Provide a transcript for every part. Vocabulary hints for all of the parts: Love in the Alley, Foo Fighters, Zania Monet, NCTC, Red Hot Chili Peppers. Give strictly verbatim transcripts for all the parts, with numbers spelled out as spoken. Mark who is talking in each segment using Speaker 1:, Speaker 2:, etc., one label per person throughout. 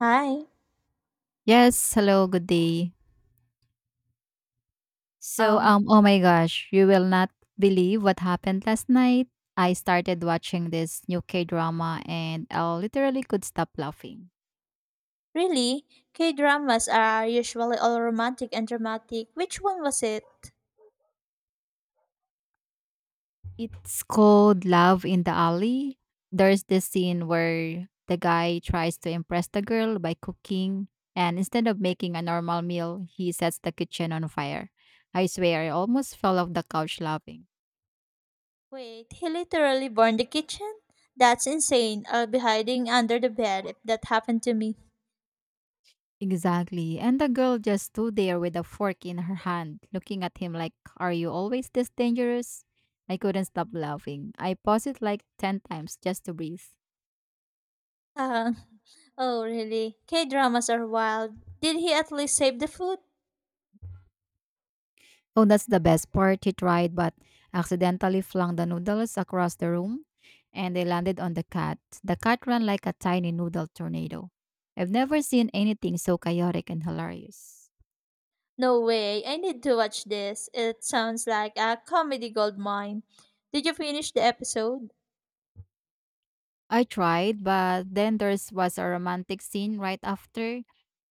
Speaker 1: Hi.
Speaker 2: Yes, hello, good day. So,
Speaker 1: Um,
Speaker 2: um, oh my gosh, you will not believe what happened last night. I started watching this new K drama and I literally could stop laughing.
Speaker 1: Really? K dramas are usually all romantic and dramatic. Which one was it?
Speaker 2: It's called Love in the Alley. There's this scene where the guy tries to impress the girl by cooking, and instead of making a normal meal, he sets the kitchen on fire. I swear, I almost fell off the couch laughing.
Speaker 1: Wait, he literally burned the kitchen? That's insane. I'll be hiding under the bed if that happened to me.
Speaker 2: Exactly. And the girl just stood there with a fork in her hand, looking at him like, "Are you always this dangerous?" I couldn't stop laughing. I paused it like ten times just to breathe.
Speaker 1: Uh, oh, really? K dramas are wild. Did he at least save the food?
Speaker 2: Oh, that's the best part. He tried, but accidentally flung the noodles across the room and they landed on the cat. The cat ran like a tiny noodle tornado. I've never seen anything so chaotic and hilarious.
Speaker 1: No way. I need to watch this. It sounds like a comedy gold mine. Did you finish the episode?
Speaker 2: I tried, but then there was a romantic scene right after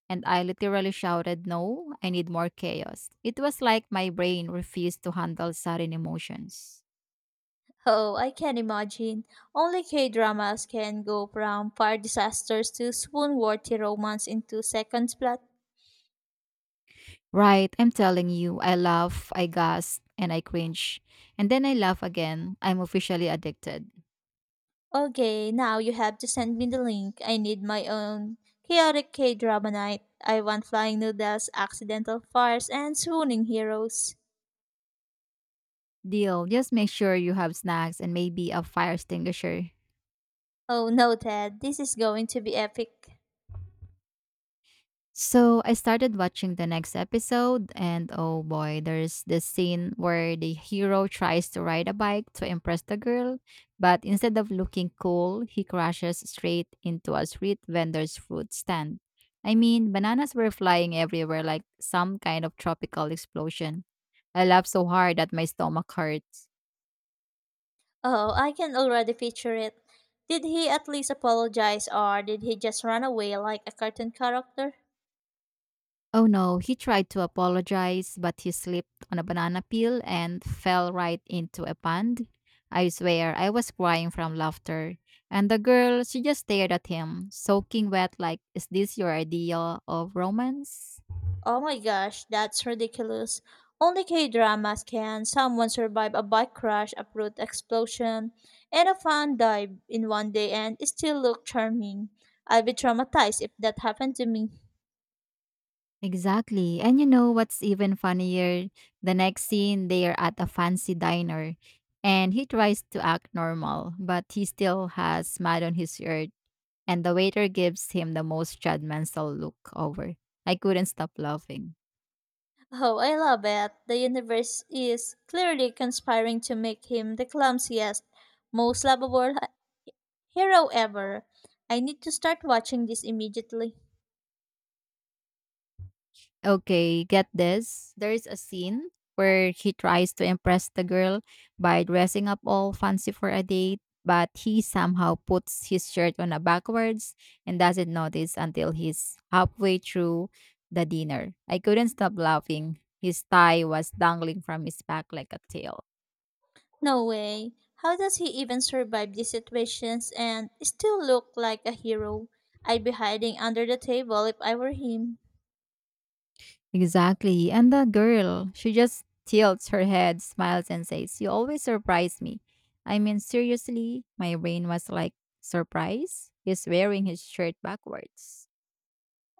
Speaker 2: and I literally shouted, "No, I need more chaos." It was like my brain refused to handle sudden emotions.
Speaker 1: Oh, I can imagine. Only K dramas can go from fire disasters to swoon worthy romance in two seconds plot.
Speaker 2: Right, I'm telling you, I laugh, I gasp, and I cringe. And then I laugh again. I'm officially addicted.
Speaker 1: Okay, now you have to send me the link. I need my own chaotic K drama night. I want flying noodles, accidental fires, and swooning heroes.
Speaker 2: Deal, just make sure you have snacks and maybe a fire extinguisher.
Speaker 1: Oh no, Ted, this is going to be epic.
Speaker 2: So I started watching the next episode, and oh boy, there's this scene where the hero tries to ride a bike to impress the girl, but instead of looking cool, he crashes straight into a street vendor's fruit stand. I mean, bananas were flying everywhere like some kind of tropical explosion. I laughed so hard that my stomach hurt.
Speaker 1: Oh, I can already picture it. Did he at least apologize or did he just run away like a cartoon character?
Speaker 2: Oh no, he tried to apologize, but he slipped on a banana peel and fell right into a pond. I swear, I was crying from laughter. And the girl, she just stared at him, soaking wet, like, is this your idea of romance?
Speaker 1: Oh my gosh, that's ridiculous. Only K dramas can someone survive a bike crash, a brute explosion, and a fun dive in one day and still look charming. I'd be traumatized if that happened to me.
Speaker 2: Exactly. And you know what's even funnier? The next scene, they are at a fancy diner, and he tries to act normal, but he still has mud on his shirt and the waiter gives him the most judgmental look over. I couldn't stop laughing.
Speaker 1: Oh, I love it. The universe is clearly conspiring to make him the clumsiest, most lovable hero ever. I need to start watching this immediately.
Speaker 2: Okay, get this. There is a scene where he tries to impress the girl by dressing up all fancy for a date, but he somehow puts his shirt on a backwards and doesn't notice until he's halfway through the dinner. I couldn't stop laughing. His tie was dangling from his back like a tail.
Speaker 1: No way. How does he even survive these situations and still look like a hero? I'd be hiding under the table if I were him.
Speaker 2: Exactly. And the girl, she just tilts her head, smiles, and says, "You always surprise me." I mean, seriously, my brain was like, surprise? He's wearing his shirt backwards.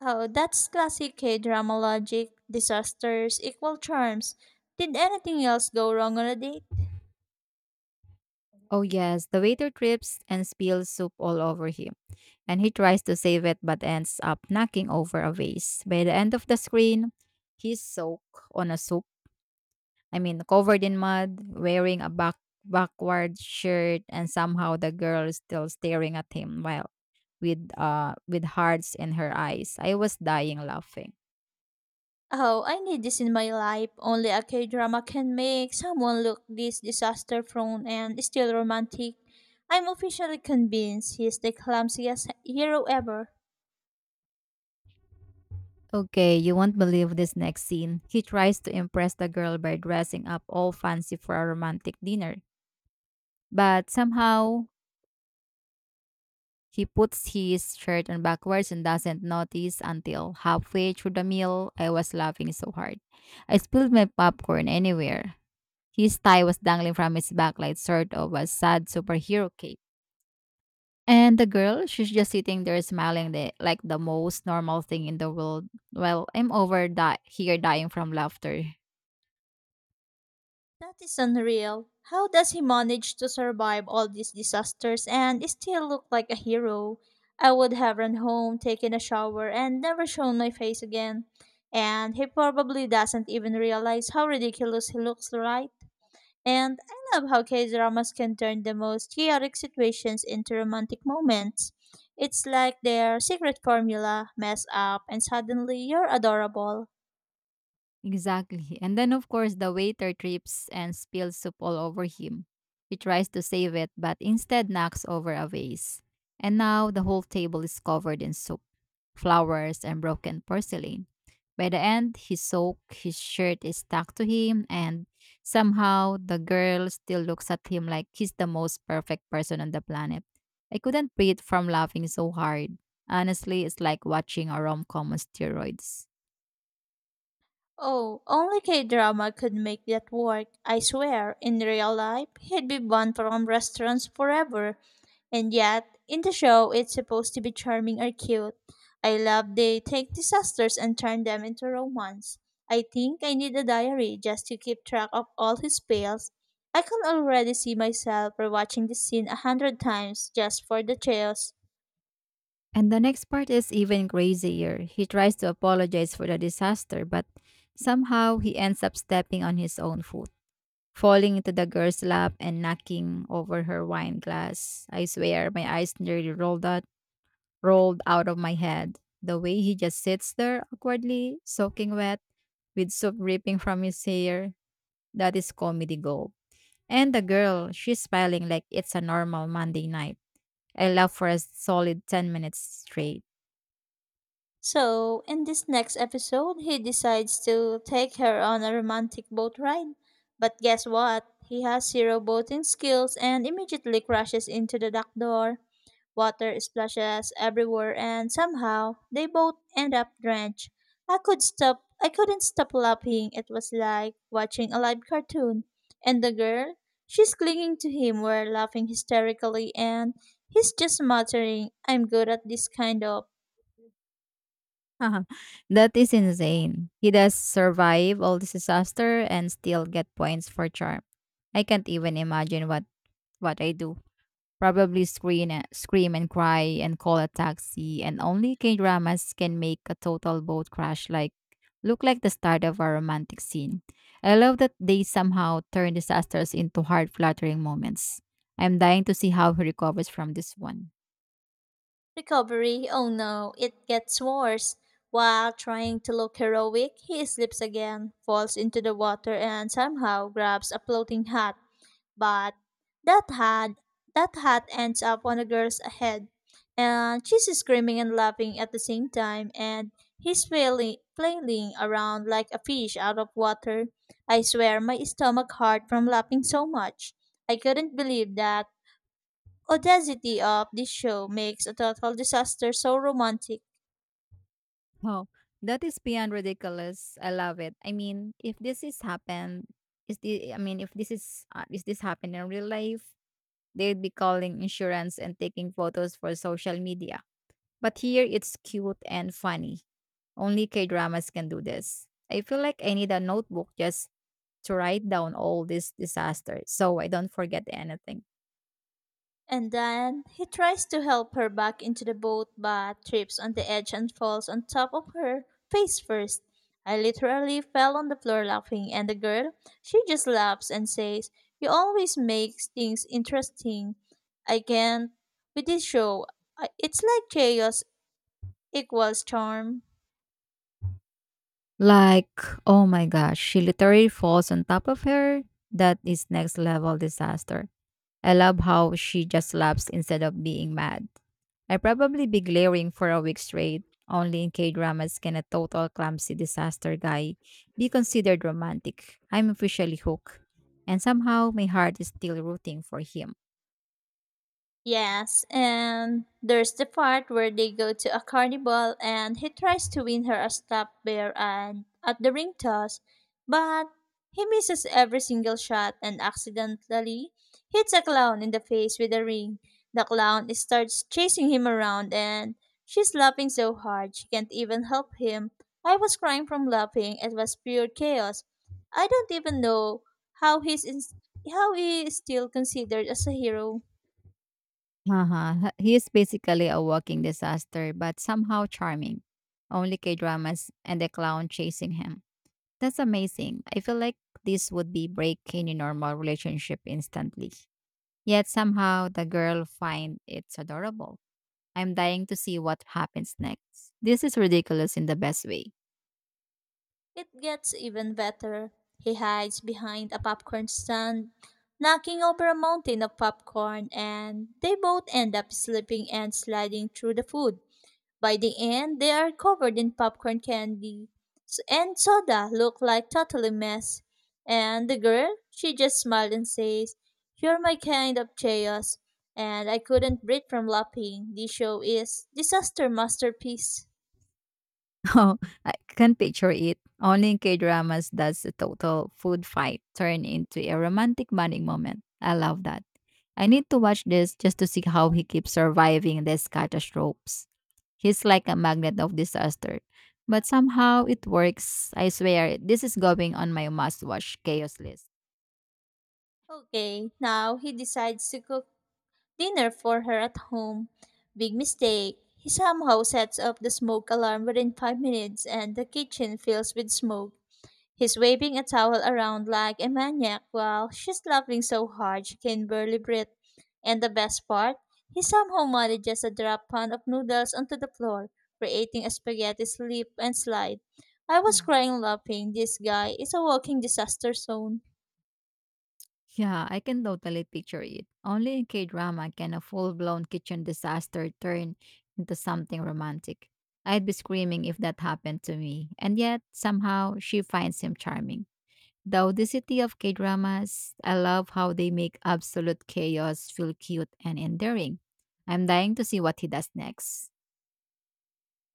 Speaker 1: Oh, that's classic K drama logic. Disasters equal charms. Did anything else go wrong on a date?
Speaker 2: Oh, yes, the waiter trips and spills soup all over him. And he tries to save it but ends up knocking over a vase. By the end of the screen, he's soaked on a soup. I mean, covered in mud, wearing a back backward shirt, and somehow the girl is still staring at him while with uh with hearts in her eyes. I was dying laughing.
Speaker 1: Oh, I need this in my life. Only a K drama can make someone look this disaster prone and still romantic. I'm officially convinced he's the clumsiest hero ever.
Speaker 2: Okay, you won't believe this next scene. He tries to impress the girl by dressing up all fancy for a romantic dinner. But somehow he puts his shirt on backwards and doesn't notice until halfway through the meal. I was laughing so hard. I spilled my popcorn anywhere. His tie was dangling from his back, like sort of a sad superhero cape. And the girl, she's just sitting there smiling the, like the most normal thing in the world. Well, I'm over di- here dying from laughter.
Speaker 1: That is unreal. How does he manage to survive all these disasters and still look like a hero? I would have run home, taken a shower, and never shown my face again. And he probably doesn't even realize how ridiculous he looks, right? And I love how K dramas can turn the most chaotic situations into romantic moments. It's like their secret formula mess up, and suddenly you're adorable.
Speaker 2: Exactly. And then, of course, the waiter trips and spills soup all over him. He tries to save it, but instead knocks over a vase. And now the whole table is covered in soup, flowers, and broken porcelain. By the end, he's soaked, his shirt is stuck to him, and somehow the girl still looks at him like he's the most perfect person on the planet. I couldn't breathe from laughing so hard. Honestly, it's like watching a rom com on steroids.
Speaker 1: Oh, only K drama could make that work. I swear, in real life, he'd be banned from restaurants forever. And yet, in the show, it's supposed to be charming or cute. I love they take disasters and turn them into romance. I think I need a diary just to keep track of all his fails. I can already see myself rewatching this scene a hundred times just for the chaos.
Speaker 2: And the next part is even crazier. He tries to apologize for the disaster, but somehow he ends up stepping on his own foot, falling into the girl's lap and knocking over her wine glass. I swear, my eyes nearly rolled out, rolled out of my head. The way he just sits there awkwardly, soaking wet, with soap dripping from his hair, that is comedy gold. And the girl, she's smiling like it's a normal Monday night. I laughed for a solid ten minutes straight.
Speaker 1: So, in this next episode, he decides to take her on a romantic boat ride. But guess what? He has zero boating skills and immediately crashes into the dock door. Water splashes everywhere and somehow they both end up drenched. I could stop I couldn't stop laughing. It was like watching a live cartoon. And the girl, she's clinging to him, we're laughing hysterically and he's just muttering, I'm good at this kind of
Speaker 2: That is insane. He does survive all this disaster and still get points for charm. I can't even imagine what what I do. Probably scream, and- scream and cry and call a taxi. And only K dramas can make a total boat crash like look like the start of a romantic scene. I love that they somehow turn disasters into heart fluttering moments. I'm dying to see how he recovers from this one.
Speaker 1: Recovery, oh no, it gets worse. While trying to look heroic, he slips again, falls into the water, and somehow grabs a floating hat. But that hat, that hat ends up on a girl's head, and she's screaming and laughing at the same time, and he's flailing, flailing around like a fish out of water. I swear, my stomach hurt from laughing so much. I couldn't believe that audacity of this show makes a total disaster so romantic.
Speaker 2: Wow, that is beyond ridiculous. I love it. I mean, if this is happened, is the I mean, if this is uh, Is this happened in real life, they'd be calling insurance and taking photos for social media. But here, it's cute and funny. Only K dramas can do this. I feel like I need a notebook just to write down all these disasters, so I don't forget anything.
Speaker 1: And then he tries to help her back into the boat but trips on the edge and falls on top of her face first. I literally fell on the floor laughing and the girl, she just laughs and says, "You always make things interesting." I can't with this show. I- It's like chaos equals charm.
Speaker 2: Like, oh my gosh, she literally falls on top of her. That is next level disaster. I love how she just laughs instead of being mad. I probably be glaring for a week straight. Only in K dramas can a total clumsy disaster guy be considered romantic. I'm officially hooked. And somehow my heart is still rooting for him.
Speaker 1: Yes, and there's the part where they go to a carnival and he tries to win her a stop bear and at the ring toss, but he misses every single shot and accidentally hits a clown in the face with a ring. The clown starts chasing him around and she's laughing so hard she can't even help him. I was crying from laughing. It was pure chaos. I don't even know how he's in- how he is still considered as a hero
Speaker 2: Haha, he is basically a walking disaster, but somehow charming. Only K dramas and the clown chasing him. That's amazing. I feel like this would be break any normal relationship instantly. Yet somehow the girl finds it's adorable. I'm dying to see what happens next. This is ridiculous in the best way.
Speaker 1: It gets even better. He hides behind a popcorn stand, knocking over a mountain of popcorn, and they both end up slipping and sliding through the food. By the end, they are covered in popcorn candy S- and soda, look like totally mess. And the girl, she just smiles and says, "You're my kind of chaos," and I couldn't breathe from laughing. This show is disaster masterpiece.
Speaker 2: Oh, I can picture it. Only in K-dramas does a total food fight turn into a romantic bonding moment. I love that. I need to watch this just to see how he keeps surviving these catastrophes. He's like a magnet of disaster. But somehow it works. I swear, this is going on my must-watch chaos list.
Speaker 1: Okay, now he decides to cook dinner for her at home. Big mistake. He somehow sets up the smoke alarm within five minutes and the kitchen fills with smoke. He's waving a towel around like a maniac while she's laughing so hard she can barely breathe. And the best part, he somehow manages a drop pan of noodles onto the floor, creating a spaghetti slip and slide. I was crying laughing. This guy is a walking disaster zone.
Speaker 2: Yeah, I can totally picture it. Only in K-drama can a full-blown kitchen disaster turn into something romantic. I'd be screaming if that happened to me. And yet, somehow, she finds him charming. The audacity of K-dramas, I love how they make absolute chaos feel cute and endearing. I'm dying to see what he does next.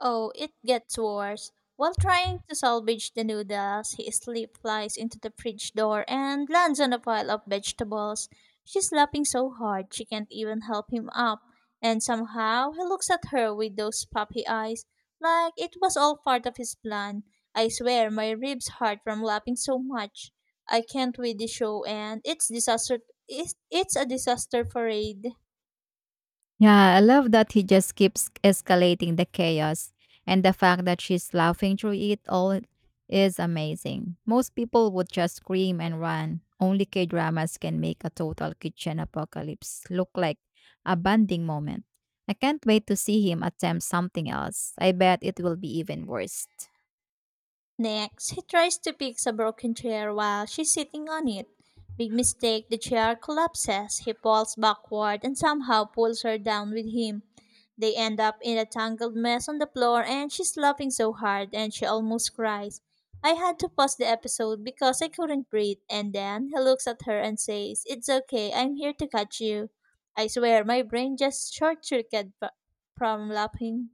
Speaker 1: Oh, it gets worse. While trying to salvage the noodles, he slip flies into the fridge door and lands on a pile of vegetables. She's laughing so hard she can't even help him up, and somehow he looks at her with those puppy eyes, like it was all part of his plan. I swear my ribs hurt from laughing so much. I can't with the show, and it's disaster. It's, it's a disaster parade.
Speaker 2: Yeah, I love that he just keeps escalating the chaos, and the fact that she's laughing through it all is amazing. Most people would just scream and run. Only K dramas can make a total kitchen apocalypse look like a bonding moment. I can't wait to see him attempt something else. I bet it will be even worse.
Speaker 1: Next, he tries to fix a broken chair while she's sitting on it. Big mistake, the chair collapses. He falls backward and somehow pulls her down with him. They end up in a tangled mess on the floor and she's laughing so hard and she almost cries. I had to pause the episode because I couldn't breathe and then he looks at her and says, It's okay, I'm here to catch you. I swear my brain just short circuited from laughing.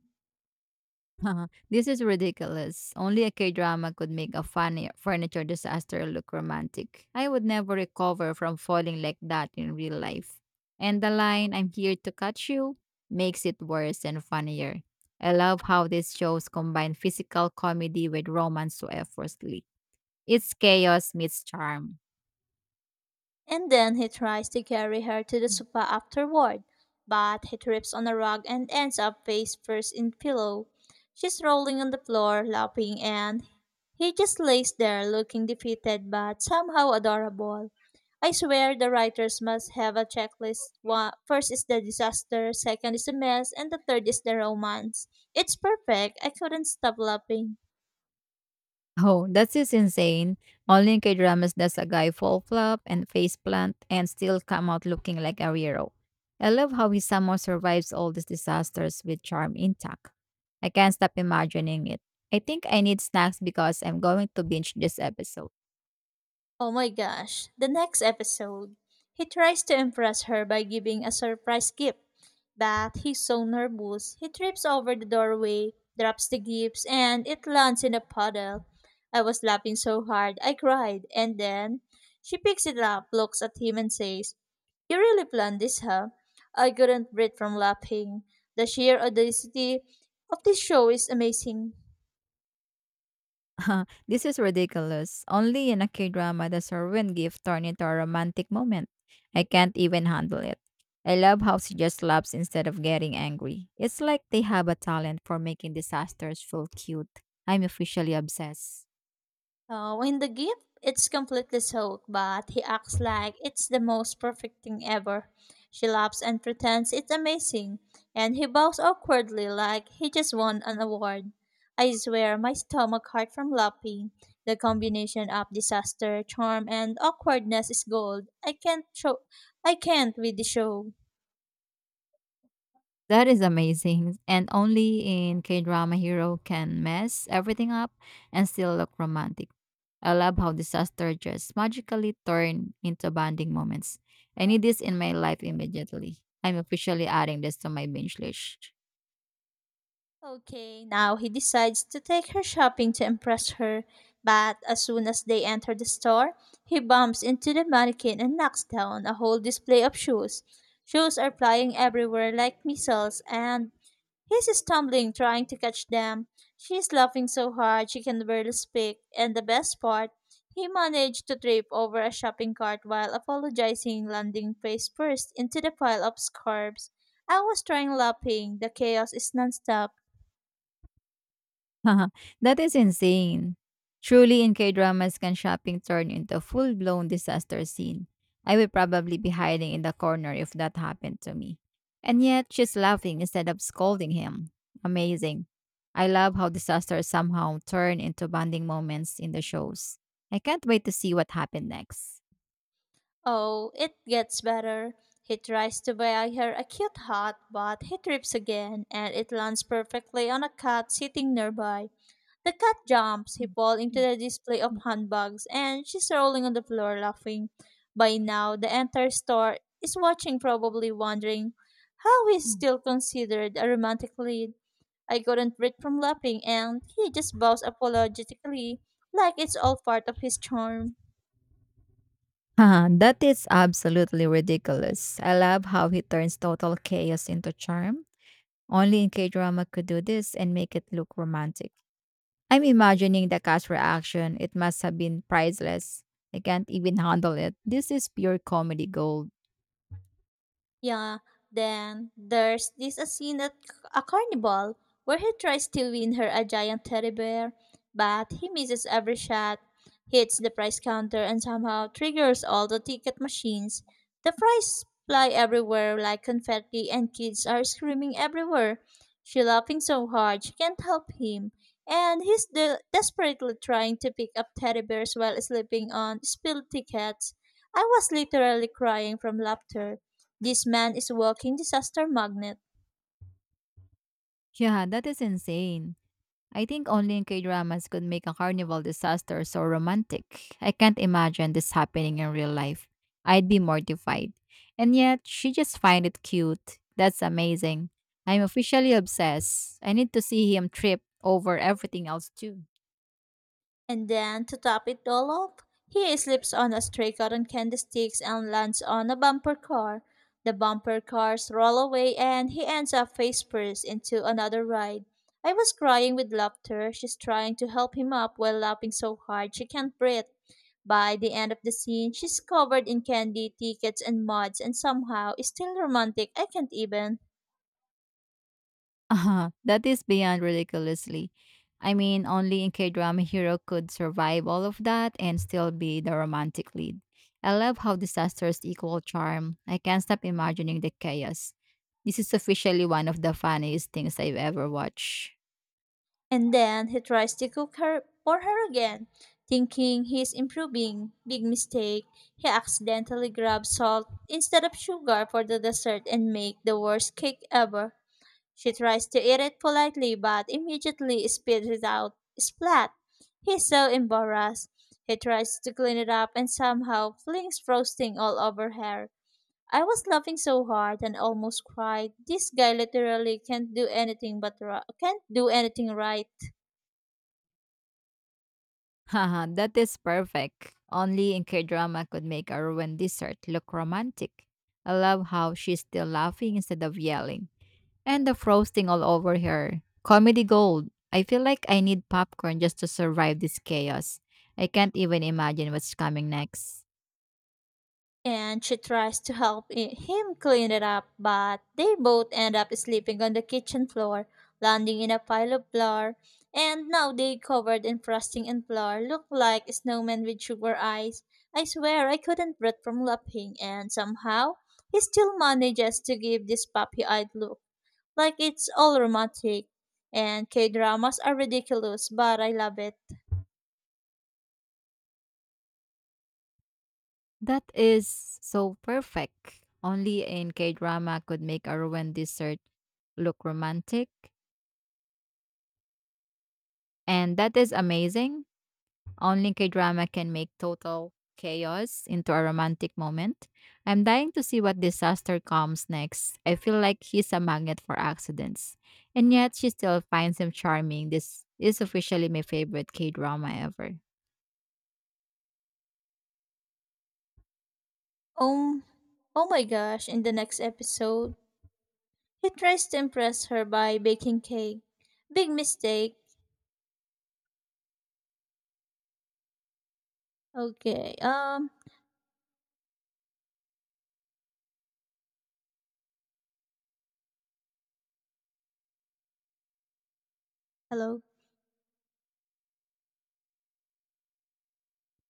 Speaker 2: Uh-huh. This is ridiculous. Only a K-drama could make a funny furniture disaster look romantic. I would never recover from falling like that in real life. And the line, "I'm here to catch you," makes it worse and funnier. I love how these shows combine physical comedy with romance so effortlessly. It's chaos meets charm.
Speaker 1: And then he tries to carry her to the sofa afterward, but he trips on a rug and ends up face first in pillow. She's rolling on the floor, laughing, and he just lays there looking defeated but somehow adorable. I swear the writers must have a checklist. One, first is the disaster, second is the mess, and the third is the romance. It's perfect. I couldn't stop laughing.
Speaker 2: Oh, that's just insane. Only K-dramas does a guy fall flop and face plant and still come out looking like a hero. I love how he somehow survives all these disasters with charm intact. I can't stop imagining it. I think I need snacks because I'm going to binge this episode.
Speaker 1: Oh my gosh, the next episode, he tries to impress her by giving a surprise gift. But he's so nervous, he trips over the doorway, drops the gifts, and it lands in a puddle. I was laughing so hard, I cried, and then she picks it up, looks at him, and says, You really planned this, huh? I couldn't breathe from laughing. The sheer audacity of this show is amazing.
Speaker 2: This is ridiculous. Only in a K-drama does her win gift turn into a romantic moment. I can't even handle it. I love how she just laughs instead of getting angry. It's like they have a talent for making disasters feel cute. I'm officially obsessed.
Speaker 1: Oh, in the gift, it's completely soaked, but he acts like it's the most perfect thing ever. She laughs and pretends it's amazing, and he bows awkwardly like he just won an award. I swear my stomach hurt from laughing. The combination of disaster, charm, and awkwardness is gold. I can't show I can't with the show.
Speaker 2: That is amazing. And only in K-drama hero can mess everything up and still look romantic. I love how disaster just magically turn into bonding moments. I need this in my life immediately. I'm officially adding this to my binge list.
Speaker 1: Okay, now he decides to take her shopping to impress her, but as soon as they enter the store, he bumps into the mannequin and knocks down a whole display of shoes. Shoes are flying everywhere like missiles, and he's stumbling trying to catch them. She's laughing so hard she can barely speak, and the best part, he managed to trip over a shopping cart while apologizing, landing face first into the pile of scarves. I was trying laughing. The chaos is nonstop
Speaker 2: That is insane. Truly, in K dramas, can shopping turn into a full blown disaster scene? I would probably be hiding in the corner if that happened to me. And yet, she's laughing instead of scolding him. Amazing. I love how disasters somehow turn into bonding moments in the shows. I can't wait to see what happened next.
Speaker 1: Oh, it gets better. He tries to buy her a cute hat, but he trips again, and it lands perfectly on a cat sitting nearby. The cat jumps, he
Speaker 2: Mm,
Speaker 1: falls into
Speaker 2: mm,
Speaker 1: the display of
Speaker 2: mm,
Speaker 1: handbags, and she's rolling on the floor laughing. By now, the entire store is watching, probably wondering how he's
Speaker 2: mm.
Speaker 1: still considered a romantic lead. I couldn't breathe from laughing, and he just bows apologetically, like it's all part of his charm.
Speaker 2: Haha, that is absolutely ridiculous. I love how he turns total chaos into charm. Only in K-drama could do this and make it look romantic. I'm imagining the cast reaction. It must have been priceless. I can't even handle it. This is pure comedy gold.
Speaker 1: Yeah, then there's this a scene at a carnival where he tries to win her a giant teddy bear, but he misses every shot, hits the prize counter, and somehow triggers all the ticket machines. The prize
Speaker 2: Mm.
Speaker 1: fly everywhere like confetti, and kids are screaming everywhere. She laughing so hard she can't help him, and he's de- desperately trying to pick up teddy bears while slipping on spilled tickets. I was literally crying from laughter this man is walking disaster magnet.
Speaker 2: Yeah, that is insane. I think only in K-dramas could make a carnival disaster so romantic. I can't imagine this happening in real life. I'd be mortified. And yet, she just find it cute. That's amazing. I'm officially obsessed. I need to see him trip over everything else too.
Speaker 1: And then, to top it all off, he slips on a stray cotton candy sticks and lands on a bumper car. The bumper cars roll away and he ends up face first into another ride. I was crying with laughter. She's trying to help him up while laughing so hard she can't breathe. By the end of the scene, she's covered in candy, tickets, and muds, and somehow is still romantic. I can't even.
Speaker 2: Uh-huh. That is beyond ridiculously. I mean, only in K-drama hero could survive all of that and still be the romantic lead. I love how disasters equal charm. I can't stop imagining the chaos. This is officially one of the funniest things I've ever watched.
Speaker 1: And then he tries to cook her for her again, thinking he's improving. Big mistake. He accidentally grabs salt instead of sugar for the dessert and make the worst cake ever. She tries to eat it politely but immediately spits it out splat. He's so embarrassed. He tries to clean it up and somehow flings frosting all over her. I was laughing so hard and almost cried. This guy literally can't do anything but ri- can't do anything right.
Speaker 2: Haha, that is perfect. Only in K-drama could make a ruined dessert look romantic. I love how she's still laughing instead of yelling. And the frosting all over her. Comedy gold. I feel like I need popcorn just to survive this chaos. I can't even imagine what's coming next.
Speaker 1: And she tries to help i- him clean it up, but they both end up sleeping on the kitchen floor, landing in a pile of flour, and now they covered in frosting and flour look like snowmen with sugar eyes. I swear I couldn't breathe from laughing, and somehow he still manages to give this puppy-eyed look, like it's all romantic. And K-dramas are ridiculous, but I love it.
Speaker 2: That is so perfect. Only in K drama could make a ruined dessert look romantic. And that is amazing. Only K-drama can make total chaos into a romantic moment. I'm dying to see what disaster comes next. I feel like he's a magnet for accidents. And yet she still finds him charming. This is officially my favorite K-drama ever.
Speaker 1: Um, oh my gosh, in the next episode, he tries to impress her by baking cake. Big mistake. Okay. Um, hello.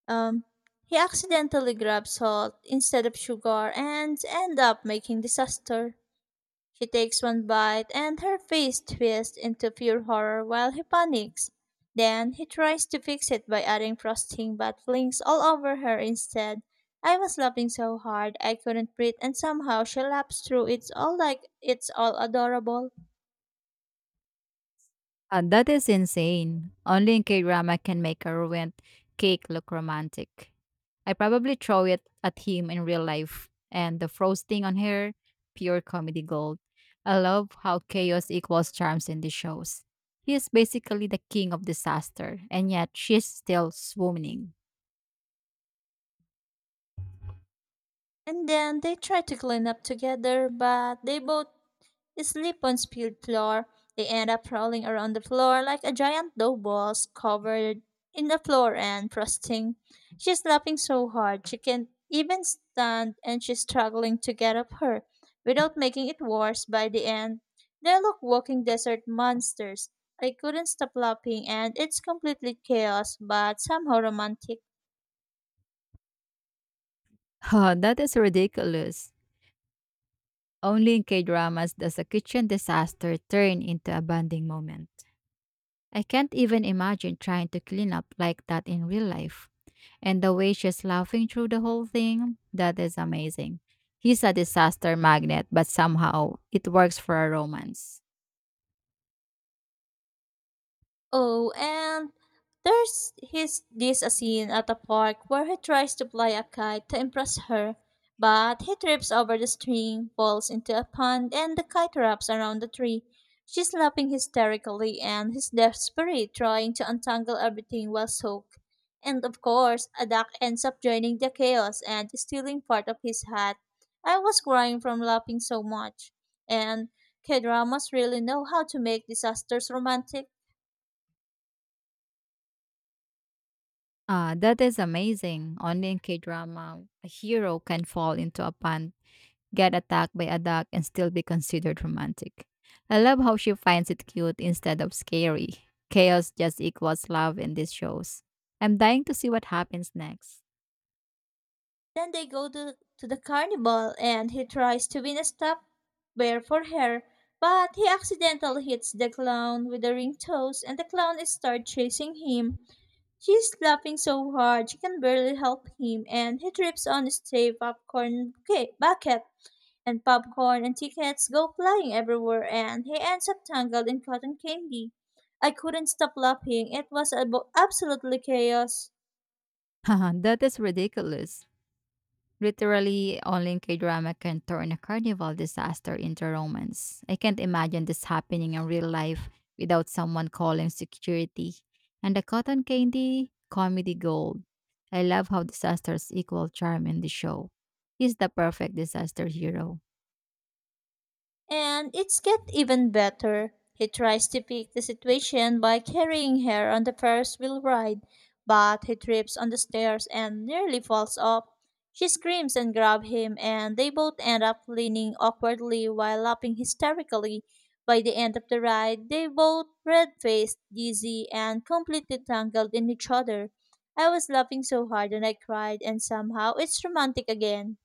Speaker 1: Um, he accidentally grabs salt instead of sugar and end up making disaster. She takes one bite and her face twists into pure horror while he panics. Then he tries to fix it by adding frosting but flings all over her instead. I was laughing so hard I couldn't breathe and somehow she laughs through it all like it's all adorable.
Speaker 2: Uh, that is insane. Only in K-drama can make a ruined cake look romantic. I probably throw it at him in real life. And the frosting on her, pure comedy gold. I love how chaos equals charms in the shows. He is basically the king of disaster, and yet she's still swooning.
Speaker 1: And then they try to clean up together, but they both sleep on spilled floor. They end up rolling around the floor like a giant dough balls covered in the floor and frosting. She's laughing so hard she can't even stand and she's struggling to get up her without making it worse by the end. They look walking desert monsters. I couldn't stop laughing and it's completely chaos but somehow romantic.
Speaker 2: Oh, that is ridiculous. Only in K-dramas does a kitchen disaster turn into a bonding moment. I can't even imagine trying to clean up like that in real life. And the way she's laughing through the whole thing, that is amazing. He's a disaster magnet, but somehow it works for a romance.
Speaker 1: Oh, and there's his this a scene at a park where he tries to fly a kite to impress her, but he trips over the string, falls into a pond, and the kite wraps around the tree. She's laughing hysterically, and he's desperate, trying to untangle everything while soaked. And of course, a duck ends up joining the chaos and stealing part of his hat. I was crying from laughing so much. And K-dramas really know how to make disasters romantic.
Speaker 2: Ah, that is amazing. Only in K drama, a hero can fall into a pond, get attacked by a duck, and still be considered romantic. I love how she finds it cute instead of scary. Chaos just equals love in these shows. I'm dying to see what happens next.
Speaker 1: Then they go to, to the carnival and he tries to win a stop bear for her, but he accidentally hits the clown with the ring toes and the clown is start chasing him. She's laughing so hard she can barely help him and he trips on his stray popcorn ca- bucket and popcorn and tickets go flying everywhere and he ends up tangled in cotton candy. I couldn't stop laughing. It was abo- absolutely chaos.
Speaker 2: Haha, that is ridiculous. Literally, only K drama can turn a carnival disaster into romance. I can't imagine this happening in real life without someone calling security. And the cotton candy, comedy gold. I love how disasters equal charm in the show. He's the perfect disaster hero.
Speaker 1: And it's get even better. He tries to pick the situation by carrying her on the Ferris wheel ride, but he trips on the stairs and nearly falls off. She screams and grabs him, and they both end up leaning awkwardly while laughing hysterically. By the end of the ride, they both red faced, dizzy, and completely tangled in each other. I was laughing so hard and I cried, and somehow it's romantic again.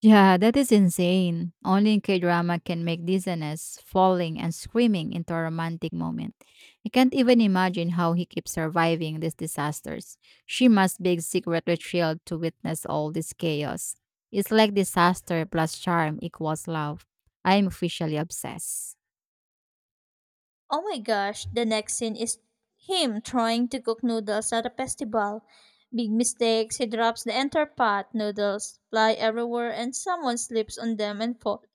Speaker 2: Yeah, that is insane. Only in K-drama can make dizziness, falling, and screaming into a romantic moment. I can't even imagine how he keeps surviving these disasters. She must be secretly thrilled to witness all this chaos. It's like disaster plus charm equals love. I am officially obsessed.
Speaker 1: Oh my gosh, the next scene is him trying to cook noodles at a festival. Big mistakes, he drops the entire pot. Noodles fly everywhere and someone slips on them and falls.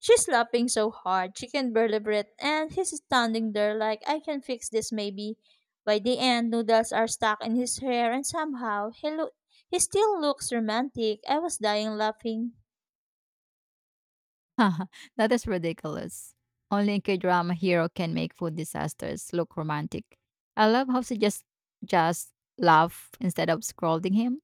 Speaker 1: She's laughing so hard, she can barely breathe, and he's standing there like, I can fix this maybe. By the end, noodles are stuck in his hair, and somehow he, lo- he still looks romantic. I was dying laughing.
Speaker 2: Haha, that is ridiculous. Only a K-drama hero can make food disasters look romantic. I love how she just just laugh instead of scolding him.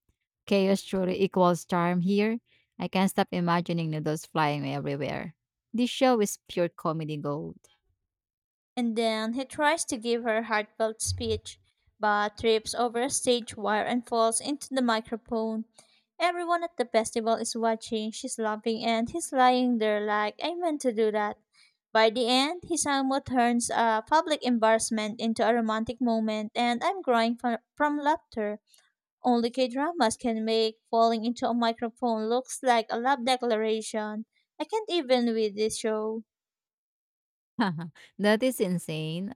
Speaker 2: Chaos truly equals charm here. I can't stop imagining noodles flying everywhere. This show is pure comedy gold.
Speaker 1: And then he tries to give her heartfelt speech, but trips over a stage wire and falls into the microphone. Everyone at the festival is watching, she's laughing, and he's lying there like, I meant to do that. By the end, he somewhat turns a public embarrassment into a romantic moment, and I'm crying fro- from laughter. Only K dramas can make falling into a microphone looks like a love declaration. I can't even with this show.
Speaker 2: That is insane.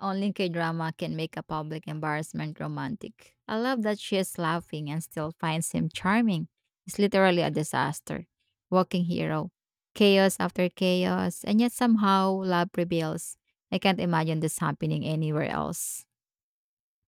Speaker 2: Only K drama can make a public embarrassment romantic. I love that she is laughing and still finds him charming. He's literally a disaster. Walking hero. Chaos after chaos, and yet somehow love prevails. I can't imagine this happening anywhere else.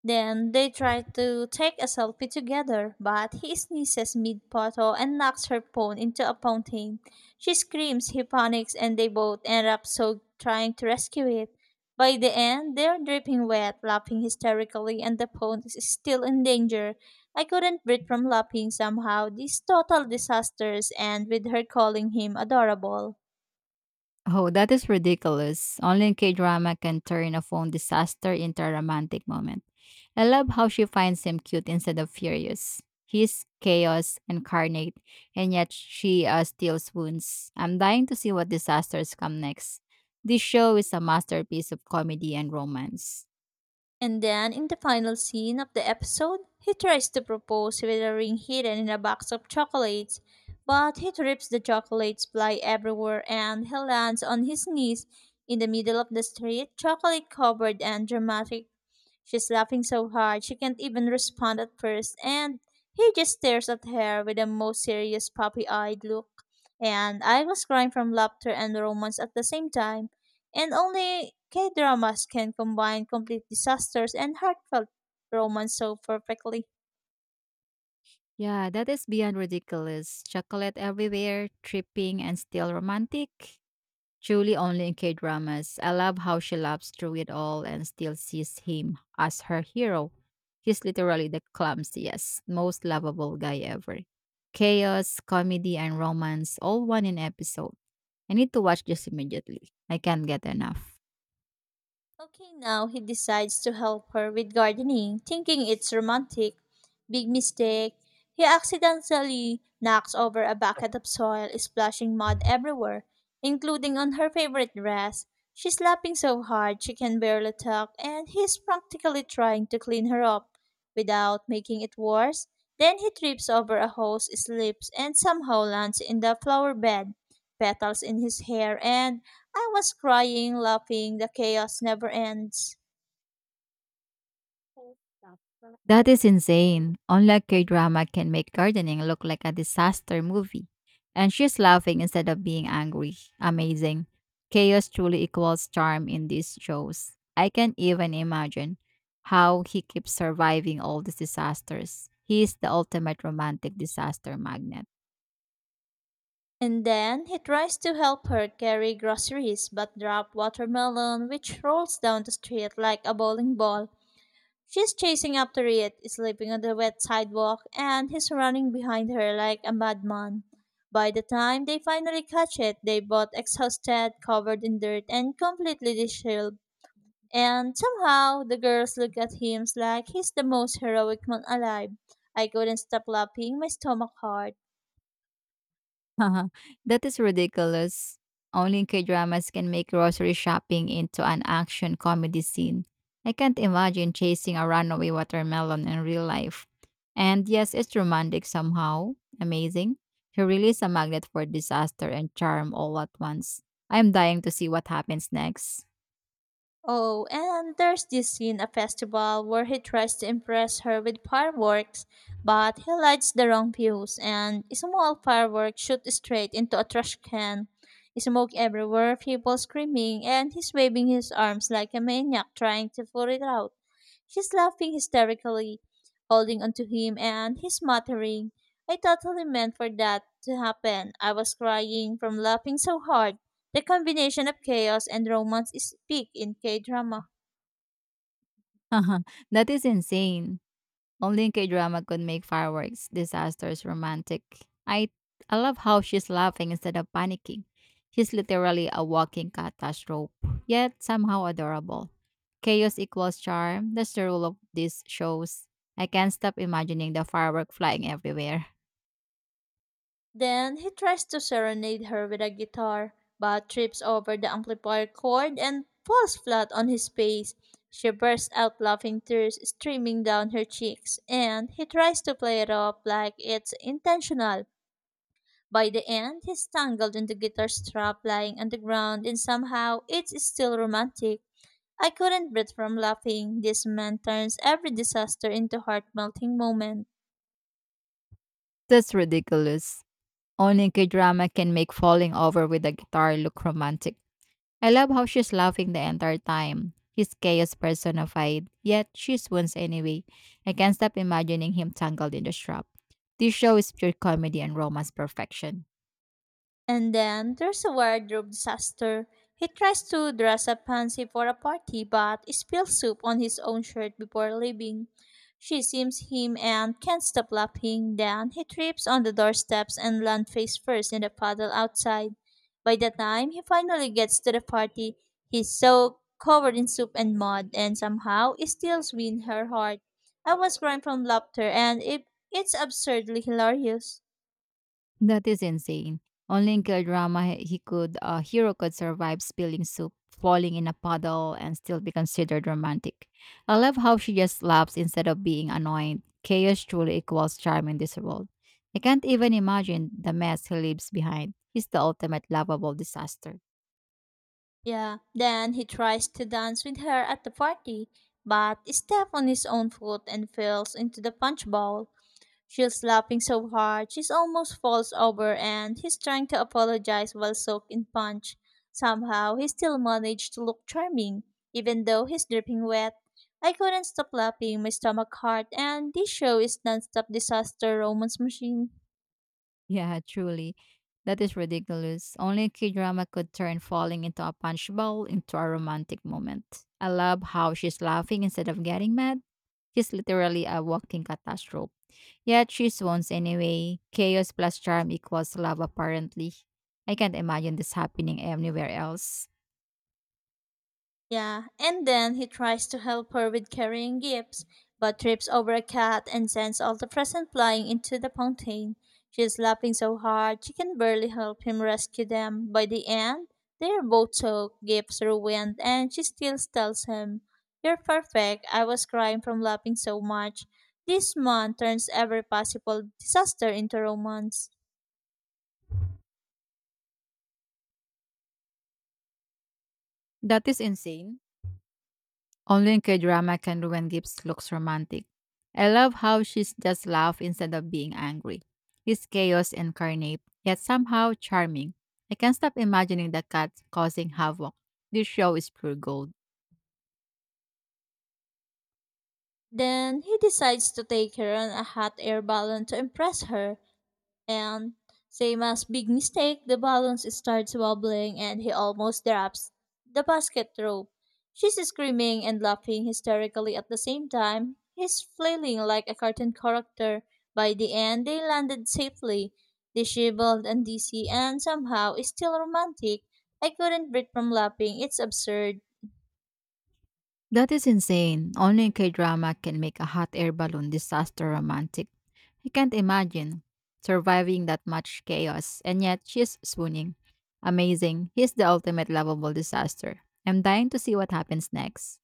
Speaker 1: Then they try to take a selfie together, but he sneezes mid photo and knocks her phone into a fountain. She screams, he panics, and they both end up soaked trying to rescue it. By the end, they're dripping wet, laughing hysterically, and the phone is still in danger. I couldn't breathe from laughing somehow. These total disasters end with her calling him adorable.
Speaker 2: Oh, that is ridiculous. Only K drama can turn a phone disaster into a romantic moment. I love how she finds him cute instead of furious. He's chaos incarnate, and yet she uh, steals wounds. I'm dying to see what disasters come next. This show is a masterpiece of comedy and romance.
Speaker 1: And then, in the final scene of the episode, he tries to propose with a ring hidden in a box of chocolates, but he trips the chocolates fly everywhere and he lands on his knees in the middle of the street, chocolate covered and dramatic. She's laughing so hard she can't even respond at first, and he just stares at her with a most serious puppy eyed look. And I was crying from laughter and romance at the same time. And only K dramas can combine complete disasters and heartfelt romance so perfectly.
Speaker 2: Yeah, that is beyond ridiculous. Chocolate everywhere, tripping, and still romantic. Truly only in K dramas. I love how she laughs through it all and still sees him as her hero. He's literally the clumsiest, most lovable guy ever. Chaos, comedy, and romance all one in episode. I need to watch this immediately. I can't get enough.
Speaker 1: Okay, now he decides to help her with gardening, thinking it's romantic. Big mistake. He accidentally knocks over a bucket of soil, splashing mud everywhere, including on her favorite dress. She's laughing so hard she can barely talk, and he's practically trying to clean her up without making it worse. Then he trips over a hose, slips, and somehow lands in the flower bed, petals in his hair, and I was crying, laughing, the chaos never ends.
Speaker 2: That is insane. Online K drama can make gardening look like a disaster movie. And she's laughing instead of being angry. Amazing. Chaos truly equals charm in these shows. I can even imagine how he keeps surviving all these disasters. He is the ultimate romantic disaster magnet.
Speaker 1: And then he tries to help her carry groceries but drop watermelon which rolls down the street like a bowling ball. She's chasing after it, slipping on the wet sidewalk, and he's running behind her like a madman. By the time they finally catch it, they both exhausted, covered in dirt, and completely disheveled. And somehow the girls look at him like he's the most heroic man alive. I couldn't stop laughing, my stomach hurt.
Speaker 2: That is ridiculous. Only K-dramas can make grocery shopping into an action comedy scene. I can't imagine chasing a runaway watermelon in real life. And yes, it's romantic somehow. Amazing. She really is a magnet for disaster and charm all at once. I'm dying to see what happens next.
Speaker 1: Oh, and there's this scene at a festival where he tries to impress her with fireworks, but he lights the wrong fuse and a small firework shoots straight into a trash can. Smoke everywhere, people screaming, and he's waving his arms like a maniac trying to put it out. She's laughing hysterically, holding onto him, and he's muttering, I totally meant for that to happen. I was crying from laughing so hard. The combination of chaos and romance is peak in K drama.
Speaker 2: That is insane. Only in K-drama could make fireworks, disasters, romantic. I I love how she's laughing instead of panicking. She's literally a walking catastrophe, yet somehow adorable. Chaos equals charm. That's the rule of these shows. I can't stop imagining the firework flying everywhere.
Speaker 1: Then he tries to serenade her with a guitar, but trips over the amplifier cord and falls flat on his face. She bursts out laughing, tears streaming down her cheeks, and he tries to play it off like it's intentional. By the end, he's tangled in the guitar strap lying on the ground, and somehow it's still romantic. I couldn't breathe from laughing. This man turns every disaster into heart melting moments.
Speaker 2: That's ridiculous. Only K-drama can make falling over with a guitar look romantic. I love how she's laughing the entire time. He's chaos personified, yet she swoons anyway. I can't stop imagining him tangled in the strap. This show is pure comedy and romance perfection.
Speaker 1: And then there's a wardrobe disaster. He tries to dress up fancy for a party but spills soup on his own shirt before leaving. She sees him and can't stop laughing. Then he trips on the doorsteps and lands face first in the puddle outside. By the time he finally gets to the party, he's so covered in soup and mud and somehow it still wins her heart. I was crying from laughter and it, it's absurdly hilarious.
Speaker 2: That is insane. Only in K drama he he could a hero could survive spilling soup, falling in a puddle, and still be considered romantic. I love how she just laughs instead of being annoyed. Chaos truly equals charm in this world. I can't even imagine the mess he leaves behind. He's the ultimate lovable disaster.
Speaker 1: Yeah, then he tries to dance with her at the party, but steps on his own foot and falls into the punch bowl. She's laughing so hard, she almost falls over and he's trying to apologize while soaked in punch. Somehow, he still managed to look charming, even though he's dripping wet. I couldn't stop laughing, my stomach hurt, and this show is non-stop disaster romance machine.
Speaker 2: Yeah, truly. That is ridiculous. Only a K drama could turn falling into a punch bowl into a romantic moment. I love how she's laughing instead of getting mad. She's literally a walking catastrophe. Yet she swoons anyway. Chaos plus charm equals love, apparently. I can't imagine this happening anywhere else.
Speaker 1: Yeah, and then he tries to help her with carrying gifts, but trips over a cat and sends all the presents flying into the fountain. She is laughing so hard she can barely help him rescue them. By the end, they are both soaked, gifts ruined, and she still tells him, You're perfect. I was crying from laughing so much. This man turns every possible disaster into romance.
Speaker 2: That is insane. Only in K-drama can Ruben Gibbs looks romantic. I love how she's just laugh instead of being angry. He's chaos incarnate, yet somehow charming. I can't stop imagining the cat causing havoc. This show is pure gold.
Speaker 1: Then he decides to take her on a hot air balloon to impress her. And same as big mistake, the balloons starts wobbling and he almost drops the basket rope. She's screaming and laughing hysterically at the same time. He's flailing like a cartoon character. By the end, they landed safely, disheveled and dizzy, and somehow still romantic. I couldn't breathe from laughing. It's absurd.
Speaker 2: That is insane. Only in K-drama can make a hot air balloon disaster romantic. I can't imagine surviving that much chaos, and yet she's swooning. Amazing. He's the ultimate lovable disaster. I'm dying to see what happens next.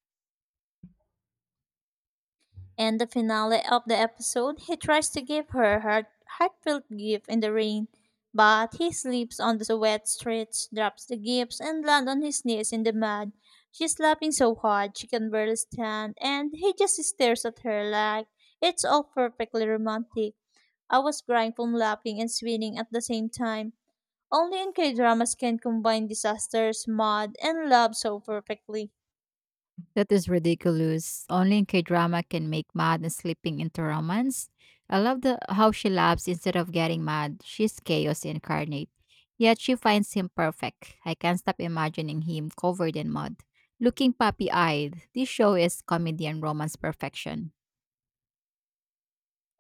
Speaker 1: In the finale of the episode, he tries to give her her heartfelt gift in the rain, but he slips on the wet streets, drops the gifts, and lands on his knees in the mud. She's laughing so hard she can barely stand, and he just stares at her like it's all perfectly romantic. I was crying from laughing and swinging at the same time. Only in K dramas can combine disasters, mud, and love so perfectly.
Speaker 2: That is ridiculous. Only in K drama can make mad and slipping into romance. I love the how she laughs instead of getting mad. She's chaos incarnate. Yet she finds him perfect. I can't stop imagining him covered in mud. Looking puppy eyed. This show is comedy and romance perfection.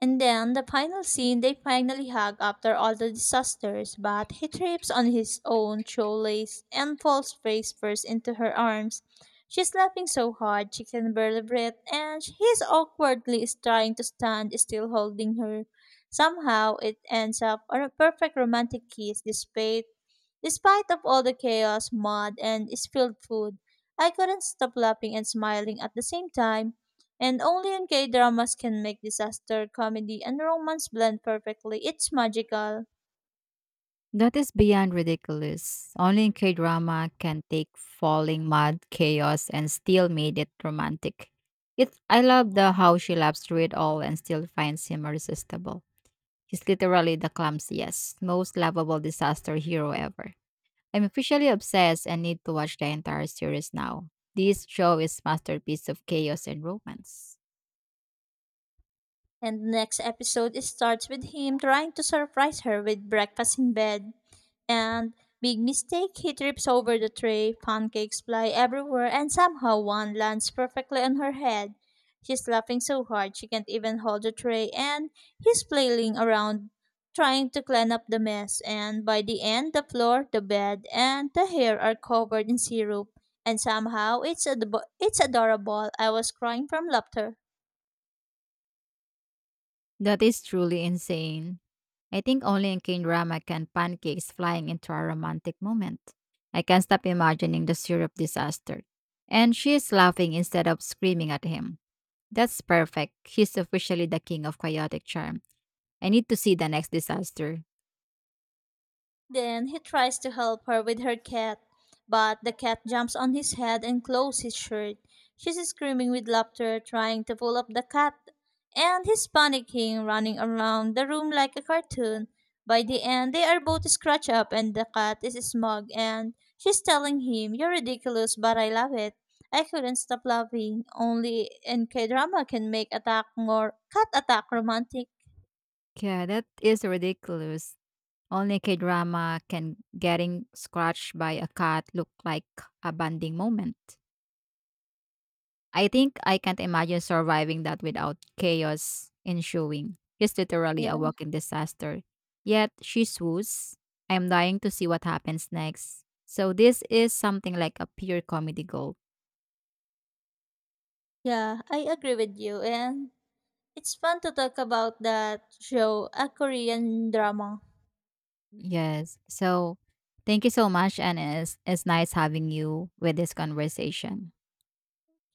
Speaker 1: And then the final scene, they finally hug after all the disasters, but he trips on his own shoelace and falls face first into her arms. She's laughing so hard she can barely breathe, and he's awkwardly is trying to stand still holding her. Somehow it ends up on a perfect romantic kiss despite despite of all the chaos, mud, and spilled food. I couldn't stop laughing and smiling at the same time. And only in K dramas can make disaster comedy and romance blend perfectly. It's magical.
Speaker 2: That is beyond ridiculous. Only in K drama can take falling mud chaos and still made it romantic. It I love the how she laughs through it all and still finds him irresistible. He's literally the clumsiest, most lovable disaster hero ever. I'm officially obsessed and need to watch the entire series now. This show is masterpiece of chaos and romance.
Speaker 1: And the next episode starts with him trying to surprise her with breakfast in bed. And big mistake, he trips over the tray, pancakes fly everywhere, and somehow one lands perfectly on her head. She's laughing so hard she can't even hold the tray, and he's flailing around trying to clean up the mess. And by the end, the floor, the bed, and the hair are covered in syrup. And somehow it's ad- it's adorable. I was crying from laughter.
Speaker 2: That is truly insane. I think only in K-drama can pancakes flying into a romantic moment. I can't stop imagining the syrup disaster. And she is laughing instead of screaming at him. That's perfect. He's officially the king of chaotic charm. I need to see the next disaster.
Speaker 1: Then he tries to help her with her cat, but the cat jumps on his head and claws his shirt. She's screaming with laughter, trying to pull up the cat, and he's panicking, running around the room like a cartoon. By the end, they are both scratched up, and the cat is smug, and she's telling him, You're ridiculous, but I love it. I couldn't stop laughing. Only in k drama can make attack more cat attack romantic.
Speaker 2: Yeah, that is ridiculous. Only K drama can getting scratched by a cat look like a bonding moment. I think I can't imagine surviving that without chaos ensuing. It's literally a
Speaker 1: Yeah,
Speaker 2: walking disaster. Yet she swoos. I'm dying to see what happens next. So this is something like a pure comedy gold.
Speaker 1: yeah, I agree with you. And it's fun to talk about that show, a Korean drama.
Speaker 2: Yes. So thank you so much and it's, it's nice having you with this conversation.